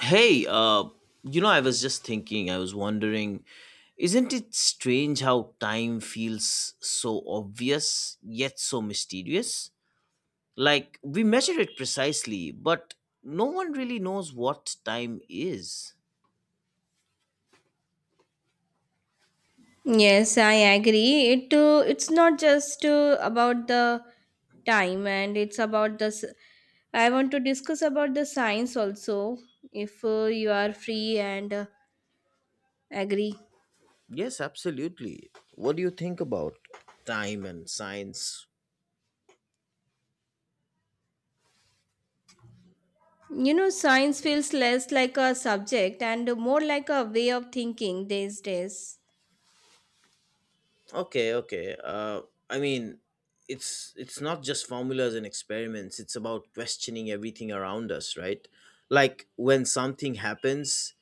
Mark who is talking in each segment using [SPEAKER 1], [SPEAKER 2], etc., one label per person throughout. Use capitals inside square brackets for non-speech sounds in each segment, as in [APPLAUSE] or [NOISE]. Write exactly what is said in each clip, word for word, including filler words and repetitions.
[SPEAKER 1] Hey, uh, you know, I was just thinking, I was wondering, isn't it strange how time feels so obvious yet so mysterious? Like, we measure it precisely, but no one really knows what time is.
[SPEAKER 2] Yes, I agree. It uh, it's not just uh, about the time, and it's about the. s- I want to discuss about the science also. If uh, you are free and uh, agree,
[SPEAKER 1] Yes, absolutely. What do you think about time and science?
[SPEAKER 2] you know, science feels less like a subject and more like a way of thinking these days.
[SPEAKER 1] Okay, okay. Uh, I mean, it's it's not just formulas and experiments. It's about questioning everything around us, right? Like when something happens,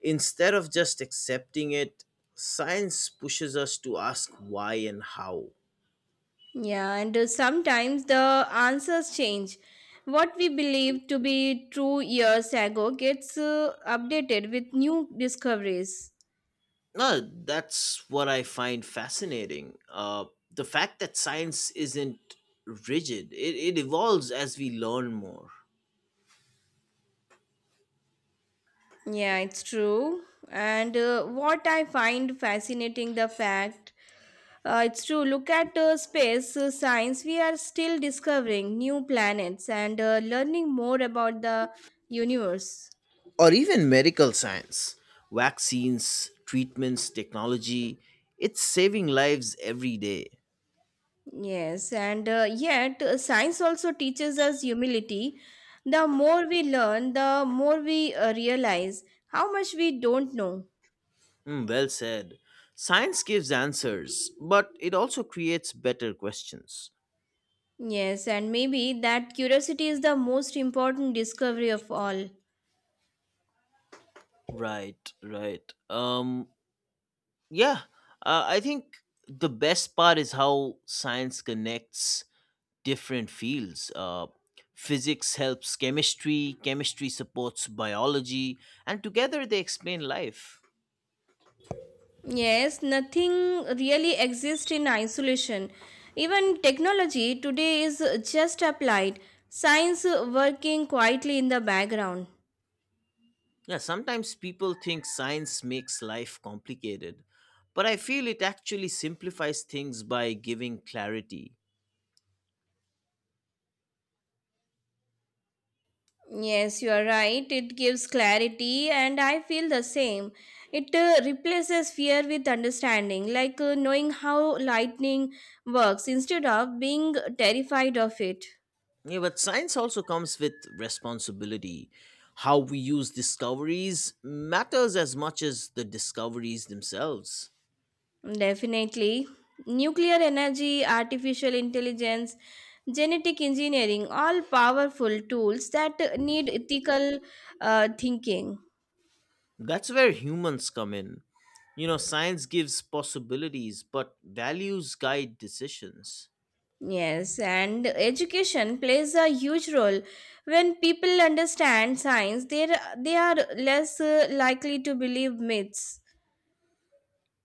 [SPEAKER 1] instead of just accepting it, science pushes us to ask why and how.
[SPEAKER 2] Yeah, and uh, sometimes the answers change. What we believed to be true years ago gets uh, updated with new discoveries.
[SPEAKER 1] No, that's what I find fascinating. Uh, the fact that science isn't rigid; it, it evolves as we learn more.
[SPEAKER 2] Yeah, it's true. And uh, what I find fascinating the fact uh, it's true. Look at uh, space uh, science. We are still discovering new planets and uh, learning more about the universe.
[SPEAKER 1] Or even medical science. Vaccines, treatments, technology, it's saving lives every day.
[SPEAKER 2] Yes, and uh, yet uh, science also teaches us humility. The more we learn, the more we uh, realize how much we don't know.
[SPEAKER 1] Hmm, well said. Science gives answers, but it also creates better questions.
[SPEAKER 2] Yes, and maybe that curiosity is the most important discovery of all.
[SPEAKER 1] Right, right. Um, yeah, uh, I think the best part is how science connects different fields. Uh, physics helps chemistry, chemistry supports biology, and together they explain life.
[SPEAKER 2] Yes, nothing really exists in isolation. Even technology today is just applied, science working quietly in the background.
[SPEAKER 1] Yeah, sometimes people think science makes life complicated, but I feel it actually simplifies things by giving clarity.
[SPEAKER 2] Yes, you are right. It gives clarity, and I feel the same. It uh, replaces fear with understanding, like uh, knowing how lightning works instead of being terrified of it.
[SPEAKER 1] Yeah, but science also comes with responsibility. How we use discoveries matters as much as the discoveries themselves.
[SPEAKER 2] Definitely. Nuclear energy, artificial intelligence, genetic engineering, all powerful tools that need ethical uh, thinking.
[SPEAKER 1] That's where humans come in. You know, science gives possibilities, but values guide decisions.
[SPEAKER 2] Yes, and education plays a huge role. When people understand science, they they are less uh, likely to believe myths.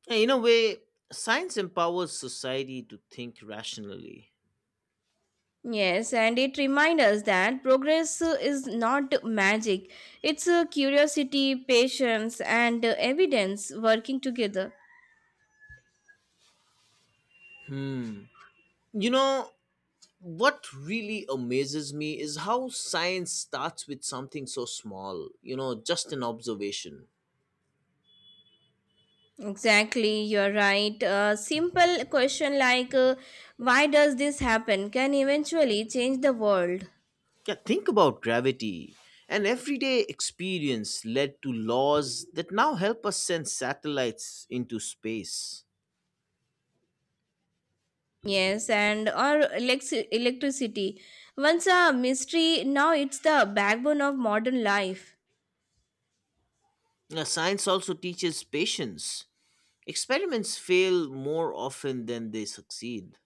[SPEAKER 1] Yeah, in a way, science empowers society to think rationally.
[SPEAKER 2] Yes, and it reminds us that progress uh, is not magic. It's uh, curiosity, patience, and uh, evidence working together.
[SPEAKER 1] Hmm. You know, what really amazes me is how science starts with something so small, you know, just an observation.
[SPEAKER 2] Exactly, you're right. A simple question like, uh, why does this happen, can eventually change the world.
[SPEAKER 1] Yeah, think about gravity. An everyday experience led to laws that now help us send satellites into space.
[SPEAKER 2] Yes, and or elec- electricity. Once a mystery, now it's the backbone of modern life.
[SPEAKER 1] Now, science also teaches patience. Experiments fail more often than they succeed.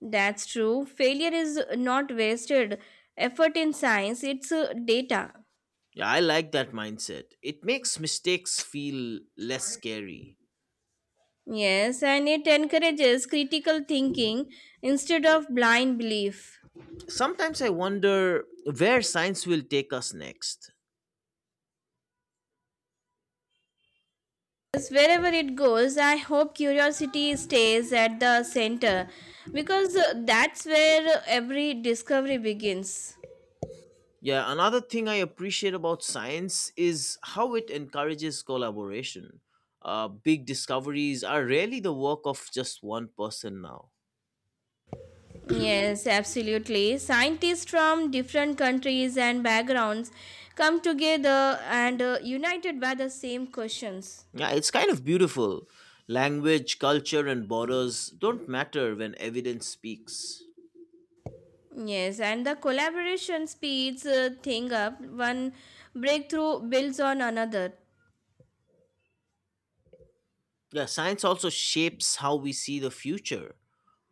[SPEAKER 2] That's true. Failure is not wasted effort in science, it's uh, data.
[SPEAKER 1] Yeah, I like that mindset. It makes mistakes feel less scary.
[SPEAKER 2] Yes, and it encourages critical thinking instead of blind belief.
[SPEAKER 1] Sometimes I wonder where science will take us next.
[SPEAKER 2] Wherever it goes, I hope curiosity stays at the center, because uh, that's where every discovery begins.
[SPEAKER 1] Yeah, another thing I appreciate about science is how it encourages collaboration. Uh, big discoveries are rarely the work of just one person now.
[SPEAKER 2] Yes, absolutely. Scientists from different countries and backgrounds come together and uh, united by the same questions.
[SPEAKER 1] Yeah, it's kind of beautiful. Language, culture, and borders don't matter when evidence speaks.
[SPEAKER 2] Yes, and the collaboration speeds uh, thing up. One breakthrough builds on another.
[SPEAKER 1] Yeah, science also shapes how we see the future.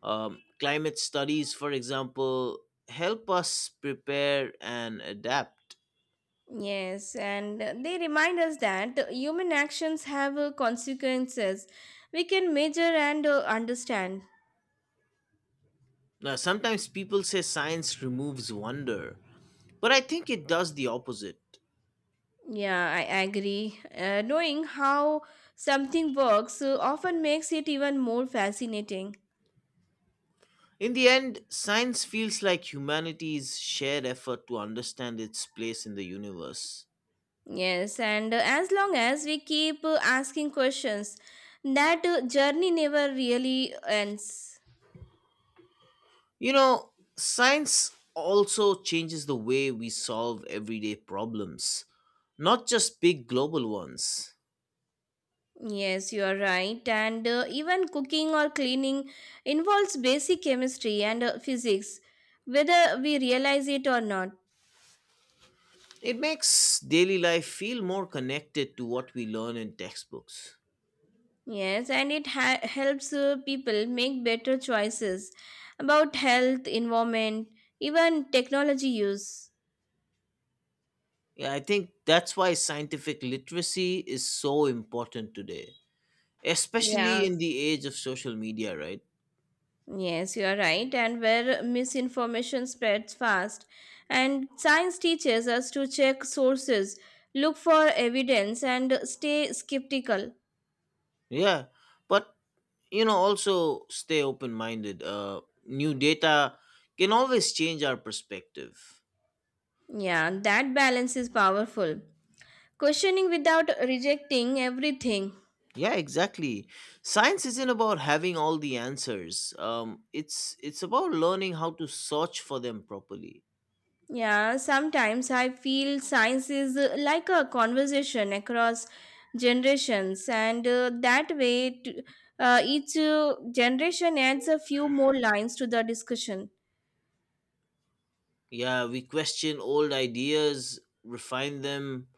[SPEAKER 1] Um, climate studies, for example, help us prepare and adapt.
[SPEAKER 2] Yes, and they remind us that human actions have uh, consequences we can measure and uh, understand.
[SPEAKER 1] Now, sometimes people say science removes wonder, but I think it does the opposite.
[SPEAKER 2] Yeah, I agree. Uh, knowing how something works uh, often makes it even more fascinating.
[SPEAKER 1] In the end, science feels like humanity's shared effort to understand its place in the universe.
[SPEAKER 2] Yes, and uh, as long as we keep uh, asking questions, that uh, journey never really ends.
[SPEAKER 1] You know, science also changes the way we solve everyday problems, not just big global ones.
[SPEAKER 2] Yes, you are right. And uh, even cooking or cleaning involves basic chemistry and uh, physics, whether we realize it or not.
[SPEAKER 1] It makes daily life feel more connected to what we learn in textbooks.
[SPEAKER 2] Yes, and it ha- helps uh, people make better choices about health, environment, even technology use.
[SPEAKER 1] Yeah, I think that's why scientific literacy is so important today, especially
[SPEAKER 2] Yes,
[SPEAKER 1] in the age of social media, right?
[SPEAKER 2] yes, you are right. And where misinformation spreads fast, and science teaches us to check sources, look for evidence, and stay skeptical.
[SPEAKER 1] Yeah, but you know also stay open minded. Uh new data can always change our perspective.
[SPEAKER 2] Yeah, that balance is powerful. Questioning without rejecting everything.
[SPEAKER 1] Yeah, exactly. Science isn't about having all the answers. Um it's it's about learning how to search for them properly.
[SPEAKER 2] Yeah, sometimes I feel science is uh, like a conversation across generations, and uh, that way, t- uh, each uh, generation adds a few more lines to the discussion.
[SPEAKER 1] Yeah, we question old ideas, refine them,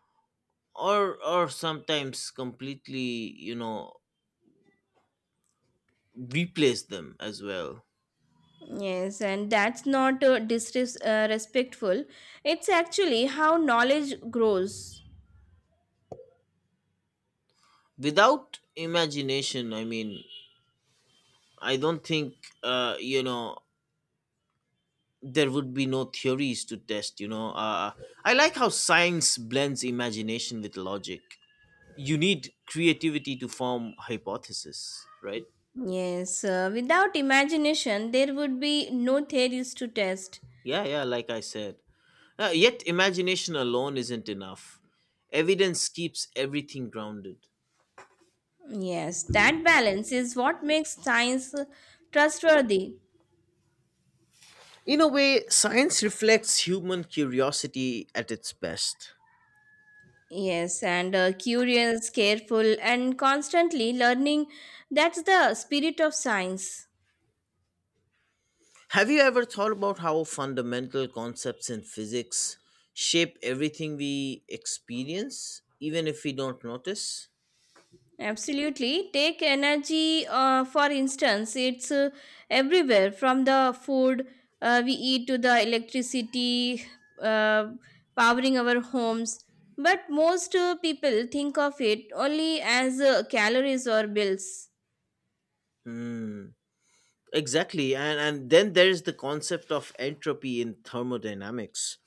[SPEAKER 1] or or sometimes completely, you know replace them as well.
[SPEAKER 2] Yes, and that's not uh, disrespectful. It's actually how knowledge grows.
[SPEAKER 1] Without imagination, I mean I don't think uh, you know there would be no theories to test, you know uh, I like how science blends imagination with logic. You need creativity to form hypothesis, right?
[SPEAKER 2] Yes, uh, without imagination, there would be no theories to test.
[SPEAKER 1] Yeah yeah like I said. Uh, yet imagination alone isn't enough, evidence keeps everything grounded.
[SPEAKER 2] Yes, that balance is what makes science trustworthy.
[SPEAKER 1] In a way, science reflects human curiosity at its best.
[SPEAKER 2] Yes, and uh, curious, careful, and constantly learning. That's the spirit of science.
[SPEAKER 1] Have you ever thought about how fundamental concepts in physics shape everything we experience, even if we don't notice?
[SPEAKER 2] Absolutely. Take energy, uh, for instance, it's uh, everywhere from the food uh, we eat to the electricity uh, powering our homes. But most uh, people think of it only as uh, calories or bills.
[SPEAKER 1] Hmm. Exactly. And, and then there's the concept of entropy in thermodynamics.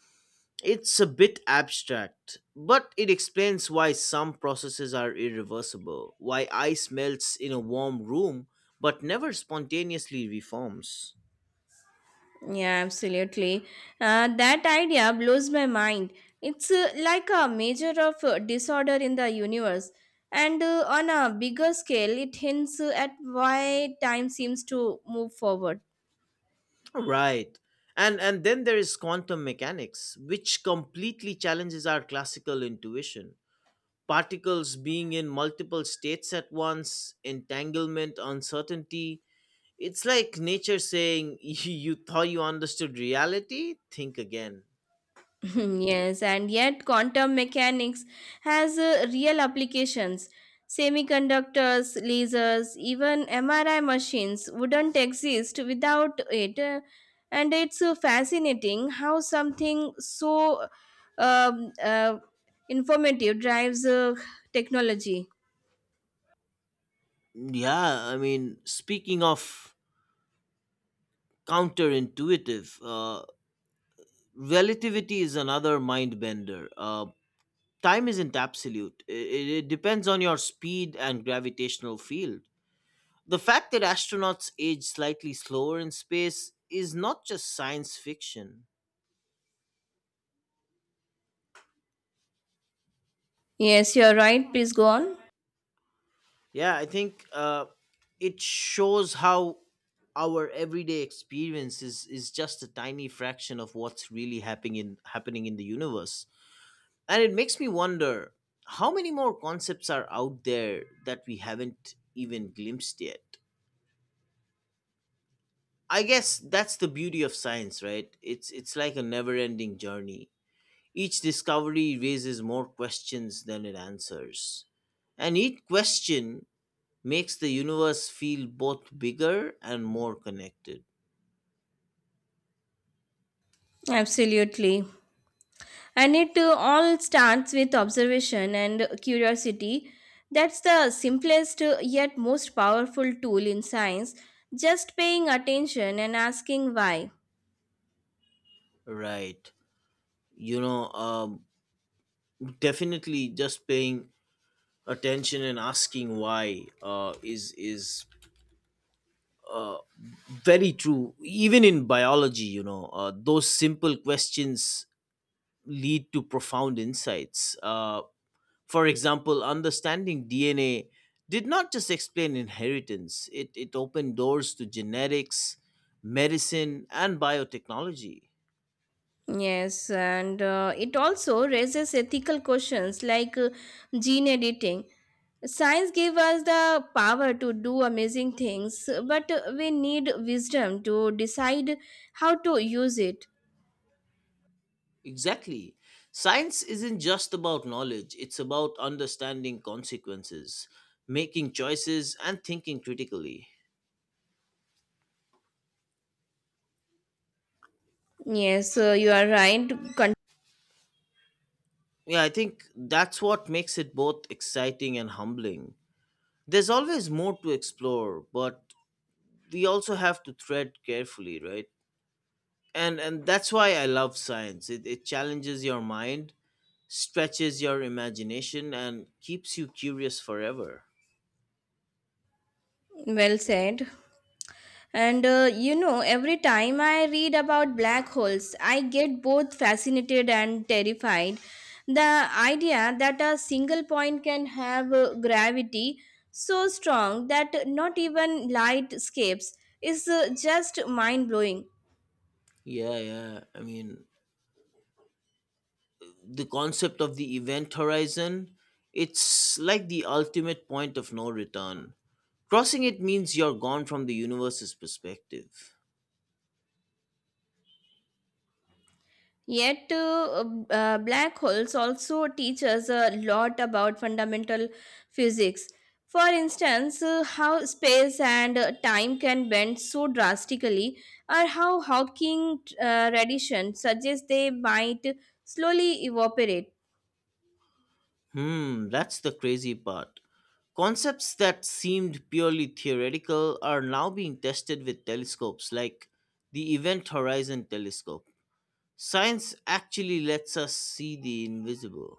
[SPEAKER 1] It's a bit abstract, but it explains why some processes are irreversible, why ice melts in a warm room but never spontaneously reforms.
[SPEAKER 2] Yeah, absolutely. Uh, that idea blows my mind. It's uh, like a measure of uh, disorder in the universe. And uh, on a bigger scale, it hints uh, at why time seems to move forward.
[SPEAKER 1] Right. And and then there is quantum mechanics, which completely challenges our classical intuition. Particles being in multiple states at once, entanglement, uncertainty. It's like nature saying, [LAUGHS] You you thought you understood reality? Think again.
[SPEAKER 2] [LAUGHS] Yes, and yet quantum mechanics has uh, real applications. Semiconductors, lasers, even M R I machines wouldn't exist without it. Uh, And it's uh, fascinating how something so um, uh, informative drives uh, technology.
[SPEAKER 1] Yeah, I mean, speaking of counterintuitive, uh, relativity is another mind bender. Uh, time isn't absolute, it it depends on your speed and gravitational field. The fact that astronauts age slightly slower in space is not just science fiction.
[SPEAKER 2] Yes, you're right. Please go on.
[SPEAKER 1] Yeah, I think uh, it shows how our everyday experience is, is just a tiny fraction of what's really happening in, happening in the universe. And it makes me wonder how many more concepts are out there that we haven't even glimpsed yet. I guess that's the beauty of science, right? It's it's like a never-ending journey. Each discovery raises more questions than it answers. And each question makes the universe feel both bigger and more connected.
[SPEAKER 2] Absolutely. And it uh, all starts with observation and curiosity. That's the simplest, uh, yet most powerful tool in science: just paying attention and asking why.
[SPEAKER 1] Right. You know, um, definitely just paying attention and asking why uh, is is very true. Even in biology, you know, uh, those simple questions lead to profound insights. Uh, For example, understanding D N A did not just explain inheritance, it, it opened doors to genetics, medicine, and biotechnology.
[SPEAKER 2] Yes, and uh, it also raises ethical questions, like uh, gene editing. Science gives us the power to do amazing things, but uh, we need wisdom to decide how to use it.
[SPEAKER 1] Exactly. Science isn't just about knowledge, it's about understanding consequences, making choices, and thinking critically.
[SPEAKER 2] Yes, uh, you are right. Con-
[SPEAKER 1] Yeah, I think that's what makes it both exciting and humbling. There's always more to explore, but we also have to tread carefully, right? and and that's why I love science. It, it challenges your mind, stretches your imagination, and keeps you curious forever.
[SPEAKER 2] well said. And uh, you know, every time I read about black holes, I get both fascinated and terrified. The idea that a single point can have uh, gravity so strong that not even light escapes is uh, just mind blowing.
[SPEAKER 1] Yeah yeah I mean, the concept of the event horizon, it's like the ultimate point of no return. Crossing it means you're gone from the universe's perspective.
[SPEAKER 2] Yet, uh, uh, black holes also teach us a lot about fundamental physics. For instance, uh, how space and uh, time can bend so drastically, or how Hawking uh, radiation suggests they might slowly evaporate.
[SPEAKER 1] Hmm, that's the crazy part. Concepts that seemed purely theoretical are now being tested with telescopes like the Event Horizon Telescope. Science actually lets us see the invisible.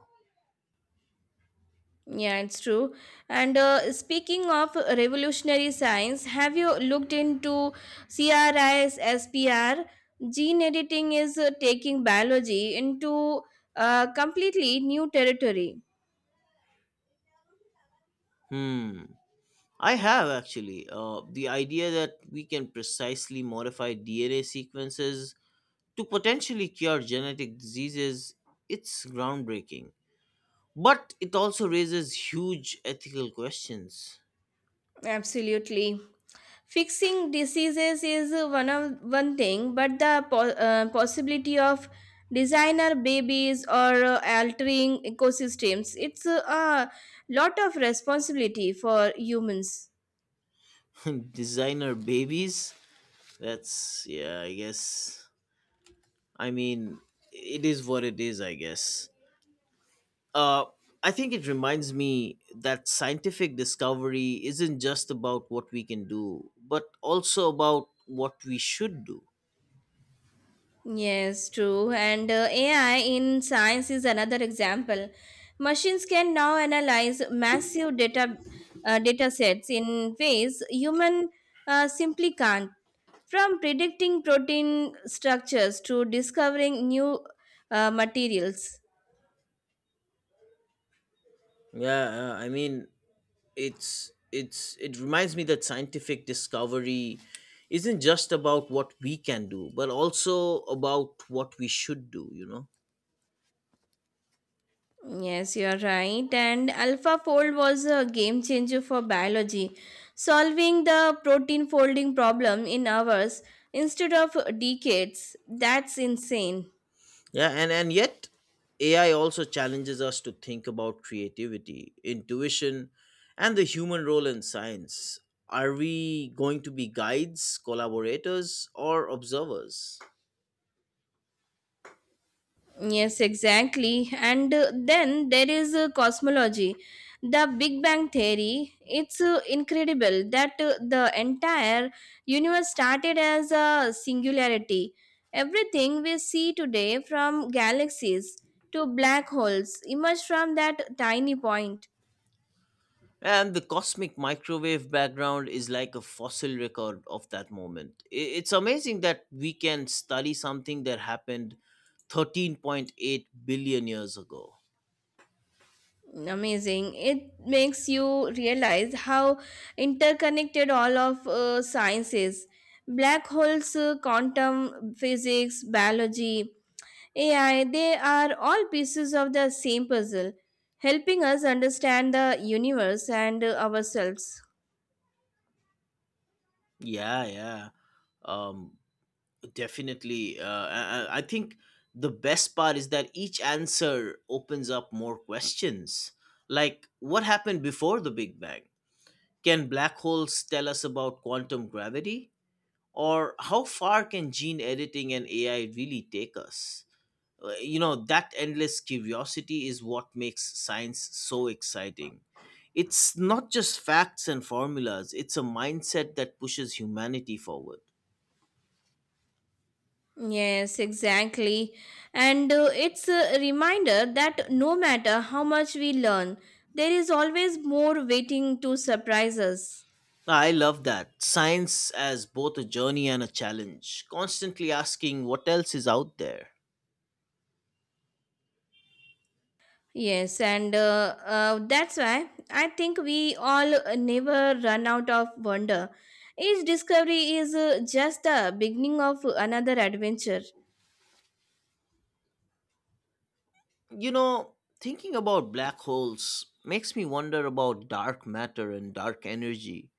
[SPEAKER 2] Yeah, it's true. And uh, speaking of revolutionary science, have you looked into C R Is, S P R? Gene editing is uh, taking biology into uh, completely new territory.
[SPEAKER 1] Hmm. I have actually. Uh, the idea that we can precisely modify D N A sequences to potentially cure genetic diseases, it's groundbreaking. But it also raises huge ethical questions.
[SPEAKER 2] Absolutely. Fixing diseases is uh, one of one thing, but the po- uh, possibility of designer babies or uh, altering ecosystems, it's uh, a lot of responsibility for humans.
[SPEAKER 1] [LAUGHS] Designer babies? That's, yeah, I guess. I mean, it is what it is, I guess. Uh, I think it reminds me that scientific discovery isn't just about what we can do, but also about what we should do.
[SPEAKER 2] Yes, true. And uh, A I in science is another example. Machines can now analyze massive data uh, data sets in ways human uh, simply can't. From predicting protein structures to discovering new uh, materials.
[SPEAKER 1] Yeah, uh, I mean, it's it's it reminds me that scientific discovery isn't just about what we can do, but also about what we should do, you know.
[SPEAKER 2] Yes, you are right. And AlphaFold was a game changer for biology, solving the protein folding problem in hours instead of decades. That's insane.
[SPEAKER 1] Yeah, and and yet A I also challenges us to think about creativity, intuition, and the human role in science. Are we going to be guides, collaborators, or observers?
[SPEAKER 2] Yes, exactly. And uh, then there is uh, cosmology. The Big Bang Theory, it's uh, incredible that uh, the entire universe started as a singularity. Everything we see today, from galaxies to black holes, emerged from that tiny point.
[SPEAKER 1] And the cosmic microwave background is like a fossil record of that moment. I- It's amazing that we can study something that happened thirteen point eight billion years ago.
[SPEAKER 2] Amazing. It makes you realize how interconnected all of uh, science is. Black holes, uh, quantum physics, biology, A I, they are all pieces of the same puzzle, helping us understand the universe and uh, ourselves.
[SPEAKER 1] Yeah, yeah. Um, Definitely. Uh, I, I think the best part is that each answer opens up more questions. Like, what happened before the Big Bang? Can black holes tell us about quantum gravity? Or how far can gene editing and A I really take us? Uh, You know, that endless curiosity is what makes science so exciting. It's not just facts and formulas, it's a mindset that pushes humanity forward.
[SPEAKER 2] Yes, exactly. And uh, it's a reminder that no matter how much we learn, there is always more waiting to surprise us.
[SPEAKER 1] I love that. Science as both a journey and a challenge, constantly asking what else is out there.
[SPEAKER 2] Yes, and uh, uh, that's why I think we all uh, never run out of wonder. Each discovery is uh, just the beginning of another adventure.
[SPEAKER 1] You know, thinking about black holes makes me wonder about dark matter and dark energy.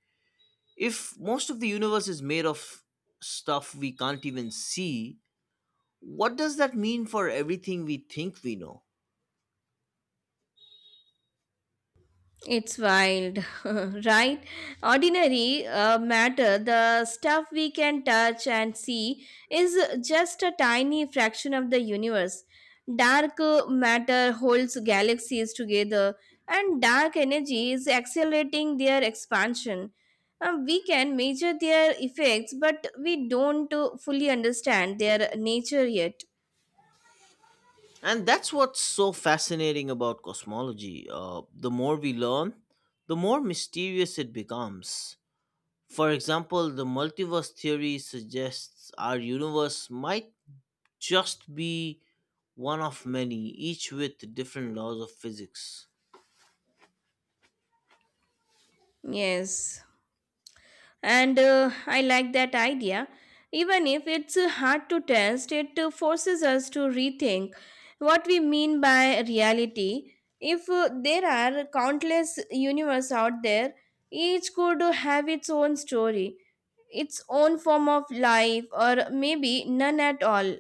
[SPEAKER 1] If most of the universe is made of stuff we can't even see, what does that mean for everything we think we know?
[SPEAKER 2] It's wild, [LAUGHS] right? Ordinary uh, matter, the stuff we can touch and see, is just a tiny fraction of the universe. Dark uh, matter holds galaxies together, and dark energy is accelerating their expansion. Uh, we can measure their effects, but we don't uh, fully understand their nature yet.
[SPEAKER 1] And that's what's so fascinating about cosmology. Uh, the more we learn, the more mysterious it becomes. For example, the multiverse theory suggests our universe might just be one of many, each with different laws of physics.
[SPEAKER 2] Yes. And uh, I like that idea. Even if it's uh, hard to test, it uh, forces us to rethink what we mean by reality. If uh, there are countless universe out there, each could have its own story, its own form of life, or maybe none at all.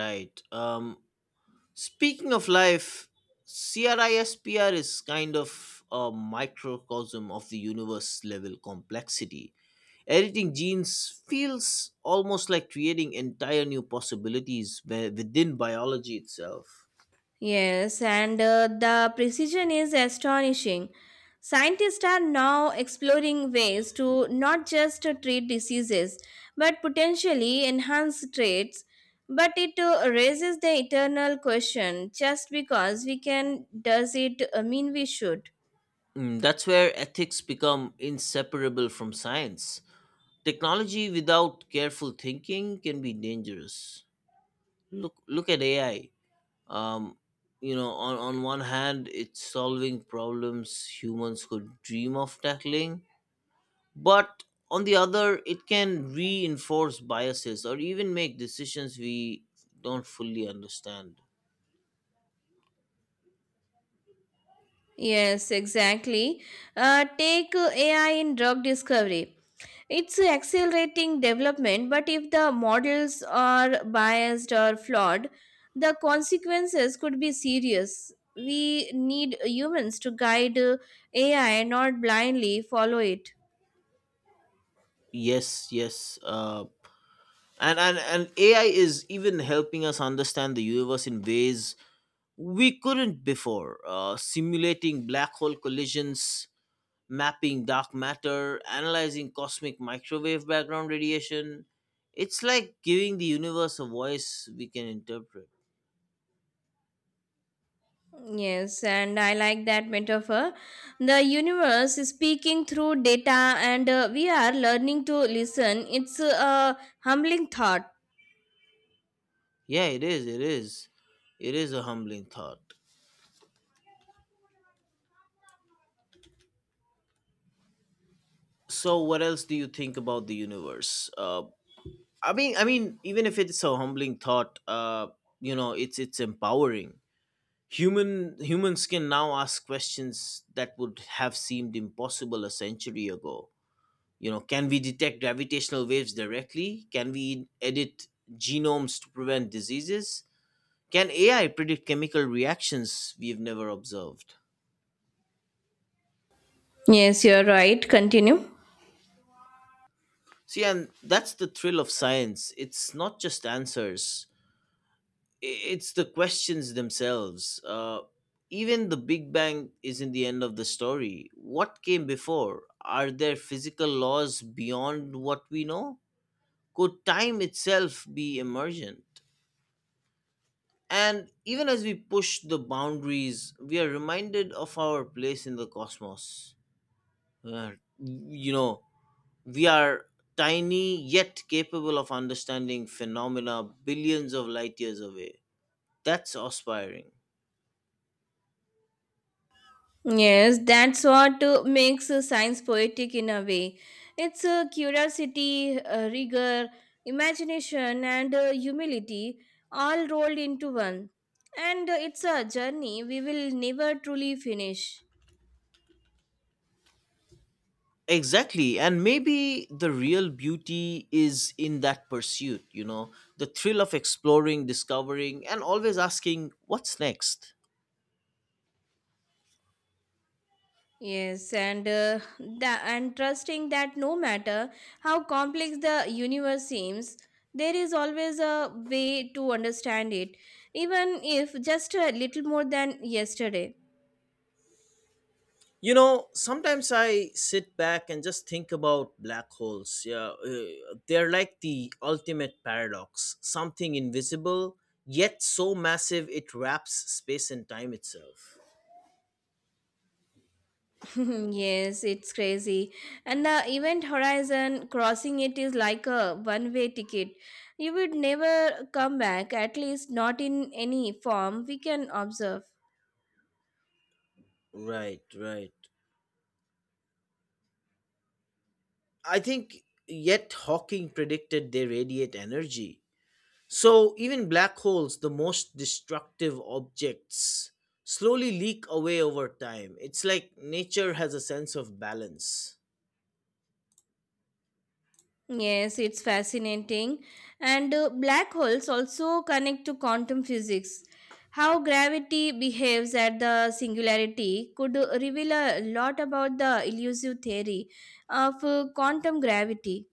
[SPEAKER 1] Right. Um, speaking of life, CRISPR is kind of a microcosm of the universe level complexity. Editing genes feels almost like creating entire new possibilities wi- within biology itself.
[SPEAKER 2] Yes, and uh, the precision is astonishing. Scientists are now exploring ways to not just uh, treat diseases but potentially enhance traits. But it uh, raises the eternal question: just because we can, does it uh, mean we should?
[SPEAKER 1] Mm, that's where ethics become inseparable from science. Technology without careful thinking can be dangerous. Look, look at A I. Um, you know, on, on one hand, it's solving problems humans could dream of tackling, but on the other, it can reinforce biases or even make decisions we don't fully understand.
[SPEAKER 2] Yes, exactly. Uh, take uh, A I in drug discovery. It's accelerating development, but if the models are biased or flawed, the consequences could be serious. We need humans to guide uh, A I, not blindly follow it.
[SPEAKER 1] Yes, yes. Uh, and, and, and A I is even helping us understand the universe in ways we couldn't before. Uh, simulating black hole collisions, mapping dark matter, analyzing cosmic microwave background radiation. It's like giving the universe a voice we can interpret.
[SPEAKER 2] Yes, and I like that metaphor. The universe is speaking through data, and uh, we are learning to listen. It's uh, a humbling thought.
[SPEAKER 1] Yeah, it is, it is. It is a humbling thought. So what else do you think about the universe? Uh, I mean I mean even if it's a humbling thought, uh, you know, it's it's empowering. Human humans can now ask questions that would have seemed impossible a century ago. You know, can we detect gravitational waves directly? Can we edit genomes to prevent diseases? Can A I predict chemical reactions we've never observed?
[SPEAKER 2] Yes, you're right. Continue.
[SPEAKER 1] See, and that's the thrill of science. It's not just answers, it's the questions themselves. Uh, even the Big Bang isn't the end of the story. What came before? Are there physical laws beyond what we know? Could time itself be emergent? And even as we push the boundaries, we are reminded of our place in the cosmos. Uh, you know, we are tiny yet capable of understanding phenomena billions of light years away. That's aspiring.
[SPEAKER 2] Yes, that's what uh, makes uh, science poetic in a way. It's uh, curiosity, uh, rigor, imagination, and uh, humility all rolled into one. And uh, it's a journey we will never truly finish.
[SPEAKER 1] Exactly. And maybe the real beauty is in that pursuit, you know, the thrill of exploring, discovering, and always asking, what's next?
[SPEAKER 2] Yes, and uh, tha- and trusting that no matter how complex the universe seems, there is always a way to understand it, even if just a little more than yesterday.
[SPEAKER 1] You know, sometimes I sit back and just think about black holes. Yeah, uh, they're like the ultimate paradox, something invisible, yet so massive it wraps space and time itself.
[SPEAKER 2] [LAUGHS] Yes, it's crazy. And the event horizon, crossing it is like a one way ticket. You would never come back, at least not in any form we can observe.
[SPEAKER 1] Right, right. I think, yet Hawking predicted they radiate energy. So, even black holes, the most destructive objects, slowly leak away over time. It's like nature has a sense of balance.
[SPEAKER 2] Yes, it's fascinating. And uh, black holes also connect to quantum physics. How gravity behaves at the singularity could reveal a lot about the elusive theory of uh, quantum gravity.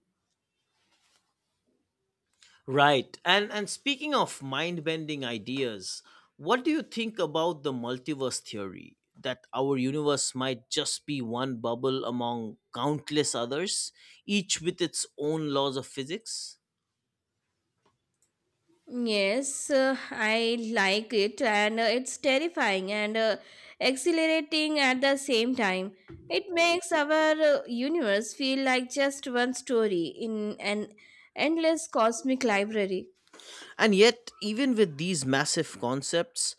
[SPEAKER 1] Right. And and speaking of mind-bending ideas, what do you think about the multiverse theory that our universe might just be one bubble among countless others, each with its own laws of physics?
[SPEAKER 2] Yes, uh, I like it, and uh, it's terrifying and uh, exhilarating at the same time. It makes our uh, universe feel like just one story in an endless cosmic library.
[SPEAKER 1] And yet, even with these massive concepts,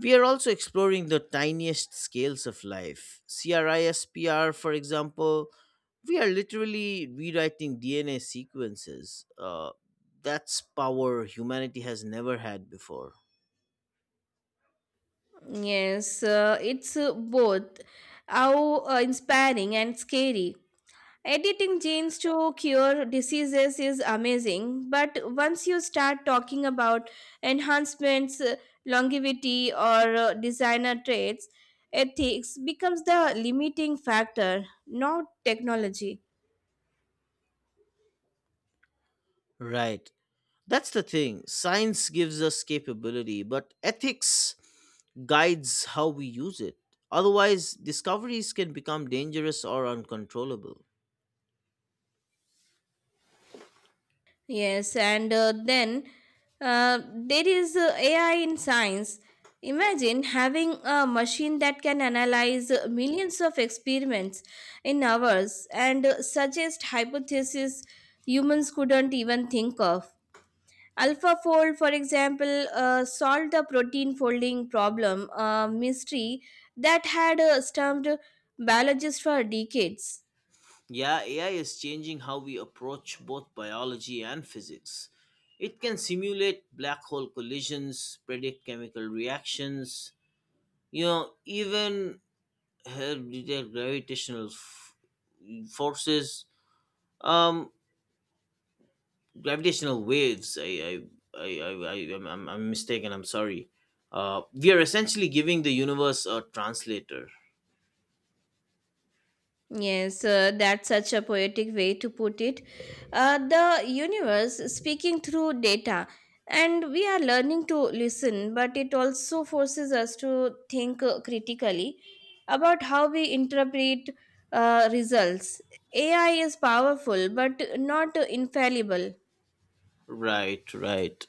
[SPEAKER 1] we are also exploring the tiniest scales of life. CRISPR, for example, we are literally rewriting D N A sequences. Uh, that's power humanity has never had before.
[SPEAKER 2] Yes, uh, it's uh, both how uh, inspiring and scary. Editing genes to cure diseases is amazing, but once you start talking about enhancements, uh, longevity, or uh, designer traits, ethics becomes the limiting factor, not technology.
[SPEAKER 1] Right. That's the thing. Science gives us capability, but ethics guides how we use it. Otherwise, discoveries can become dangerous or uncontrollable.
[SPEAKER 2] Yes, and uh, then uh, there is uh, A I in science. Imagine having a machine that can analyze uh, millions of experiments in hours and uh, suggest hypotheses humans couldn't even think of. AlphaFold, for example, uh, solved the protein folding problem, a mystery that had uh, stumped biologists for decades.
[SPEAKER 1] Yeah, A I is changing how we approach both biology and physics. It can simulate black hole collisions, predict chemical reactions, you know, even help detect gravitational f- forces, um, gravitational waves. I, I, I, I, I I'm, I'm I'm mistaken. I'm sorry. Uh, we are essentially giving the universe a translator.
[SPEAKER 2] Yes, uh, that's such a poetic way to put it. Uh, the universe speaking through data, and we are learning to listen, but it also forces us to think uh, critically about how we interpret uh, results. A I is powerful, but not uh, infallible.
[SPEAKER 1] Right, right.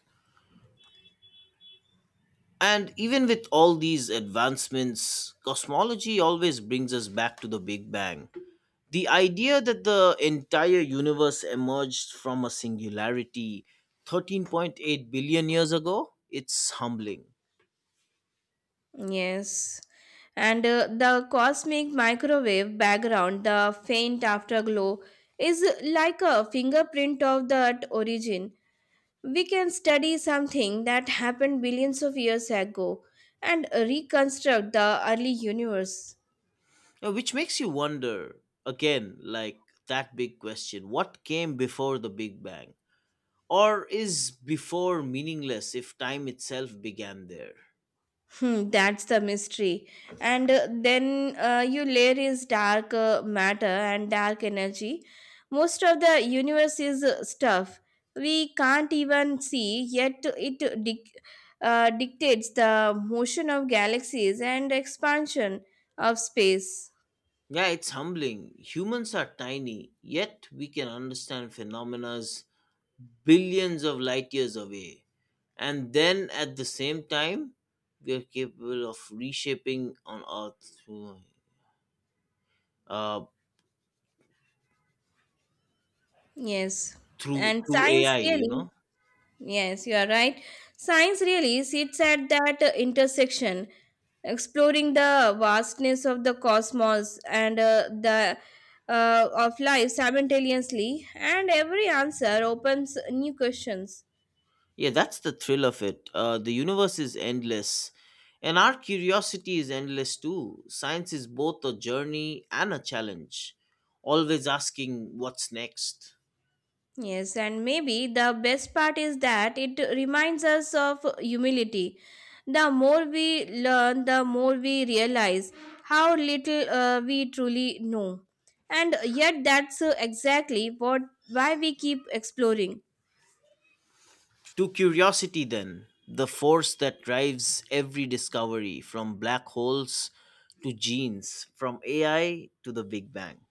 [SPEAKER 1] And even with all these advancements, cosmology always brings us back to the Big Bang. The idea that the entire universe emerged from a singularity thirteen point eight billion years ago, it's humbling.
[SPEAKER 2] Yes. And uh, the cosmic microwave background, the faint afterglow, is like a fingerprint of that origin. We can study something that happened billions of years ago and reconstruct the early universe.
[SPEAKER 1] Now, which makes you wonder again, like that big question, what came before the Big Bang? Or is before meaningless if time itself began there?
[SPEAKER 2] Hmm, that's the mystery. And uh, then uh, you layer is dark uh, matter and dark energy. Most of the universe is uh, stuff we can't even see, yet it dic- uh, dictates the motion of galaxies and expansion of space.
[SPEAKER 1] Yeah, it's humbling. Humans are tiny, yet we can understand phenomena billions of light years away. And then at the same time, we are capable of reshaping on Earth through, uh,
[SPEAKER 2] Yes.
[SPEAKER 1] through,
[SPEAKER 2] And
[SPEAKER 1] through
[SPEAKER 2] science
[SPEAKER 1] A I, you
[SPEAKER 2] really—
[SPEAKER 1] know?
[SPEAKER 2] Yes, you are right. Science really sits at that uh, intersection, exploring the vastness of the cosmos and uh, the uh, of life simultaneously, and every answer opens new questions.
[SPEAKER 1] Yeah, that's the thrill of it. Uh, the universe is endless, and our curiosity is endless too. Science is both a journey and a challenge, always asking what's next.
[SPEAKER 2] Yes, and maybe the best part is that it reminds us of humility. The more we learn, the more we realize how little uh, we truly know. And yet, that's uh, exactly what why we keep exploring.
[SPEAKER 1] To curiosity, then, the force that drives every discovery from black holes to genes, from A I to the Big Bang.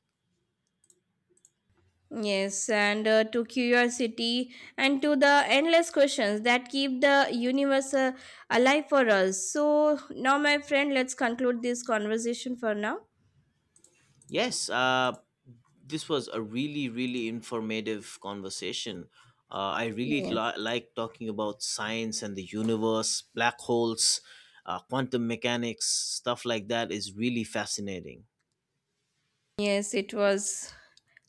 [SPEAKER 2] Yes, and uh, to curiosity and to the endless questions that keep the universe uh, alive for us. So, now, my friend, let's conclude this conversation for now.
[SPEAKER 1] Yes, uh, this was a really, really informative conversation. Uh, I really
[SPEAKER 2] Yes.
[SPEAKER 1] li- like talking about science and the universe, black holes, uh, quantum mechanics, stuff like that is really fascinating.
[SPEAKER 2] Yes, it was.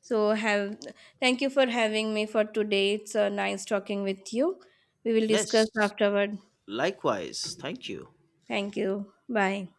[SPEAKER 2] So have— thank you for having me for today. It's uh, nice talking with you. We will discuss
[SPEAKER 1] Yes,
[SPEAKER 2] afterward.
[SPEAKER 1] likewise. Thank you.
[SPEAKER 2] Thank you. Bye.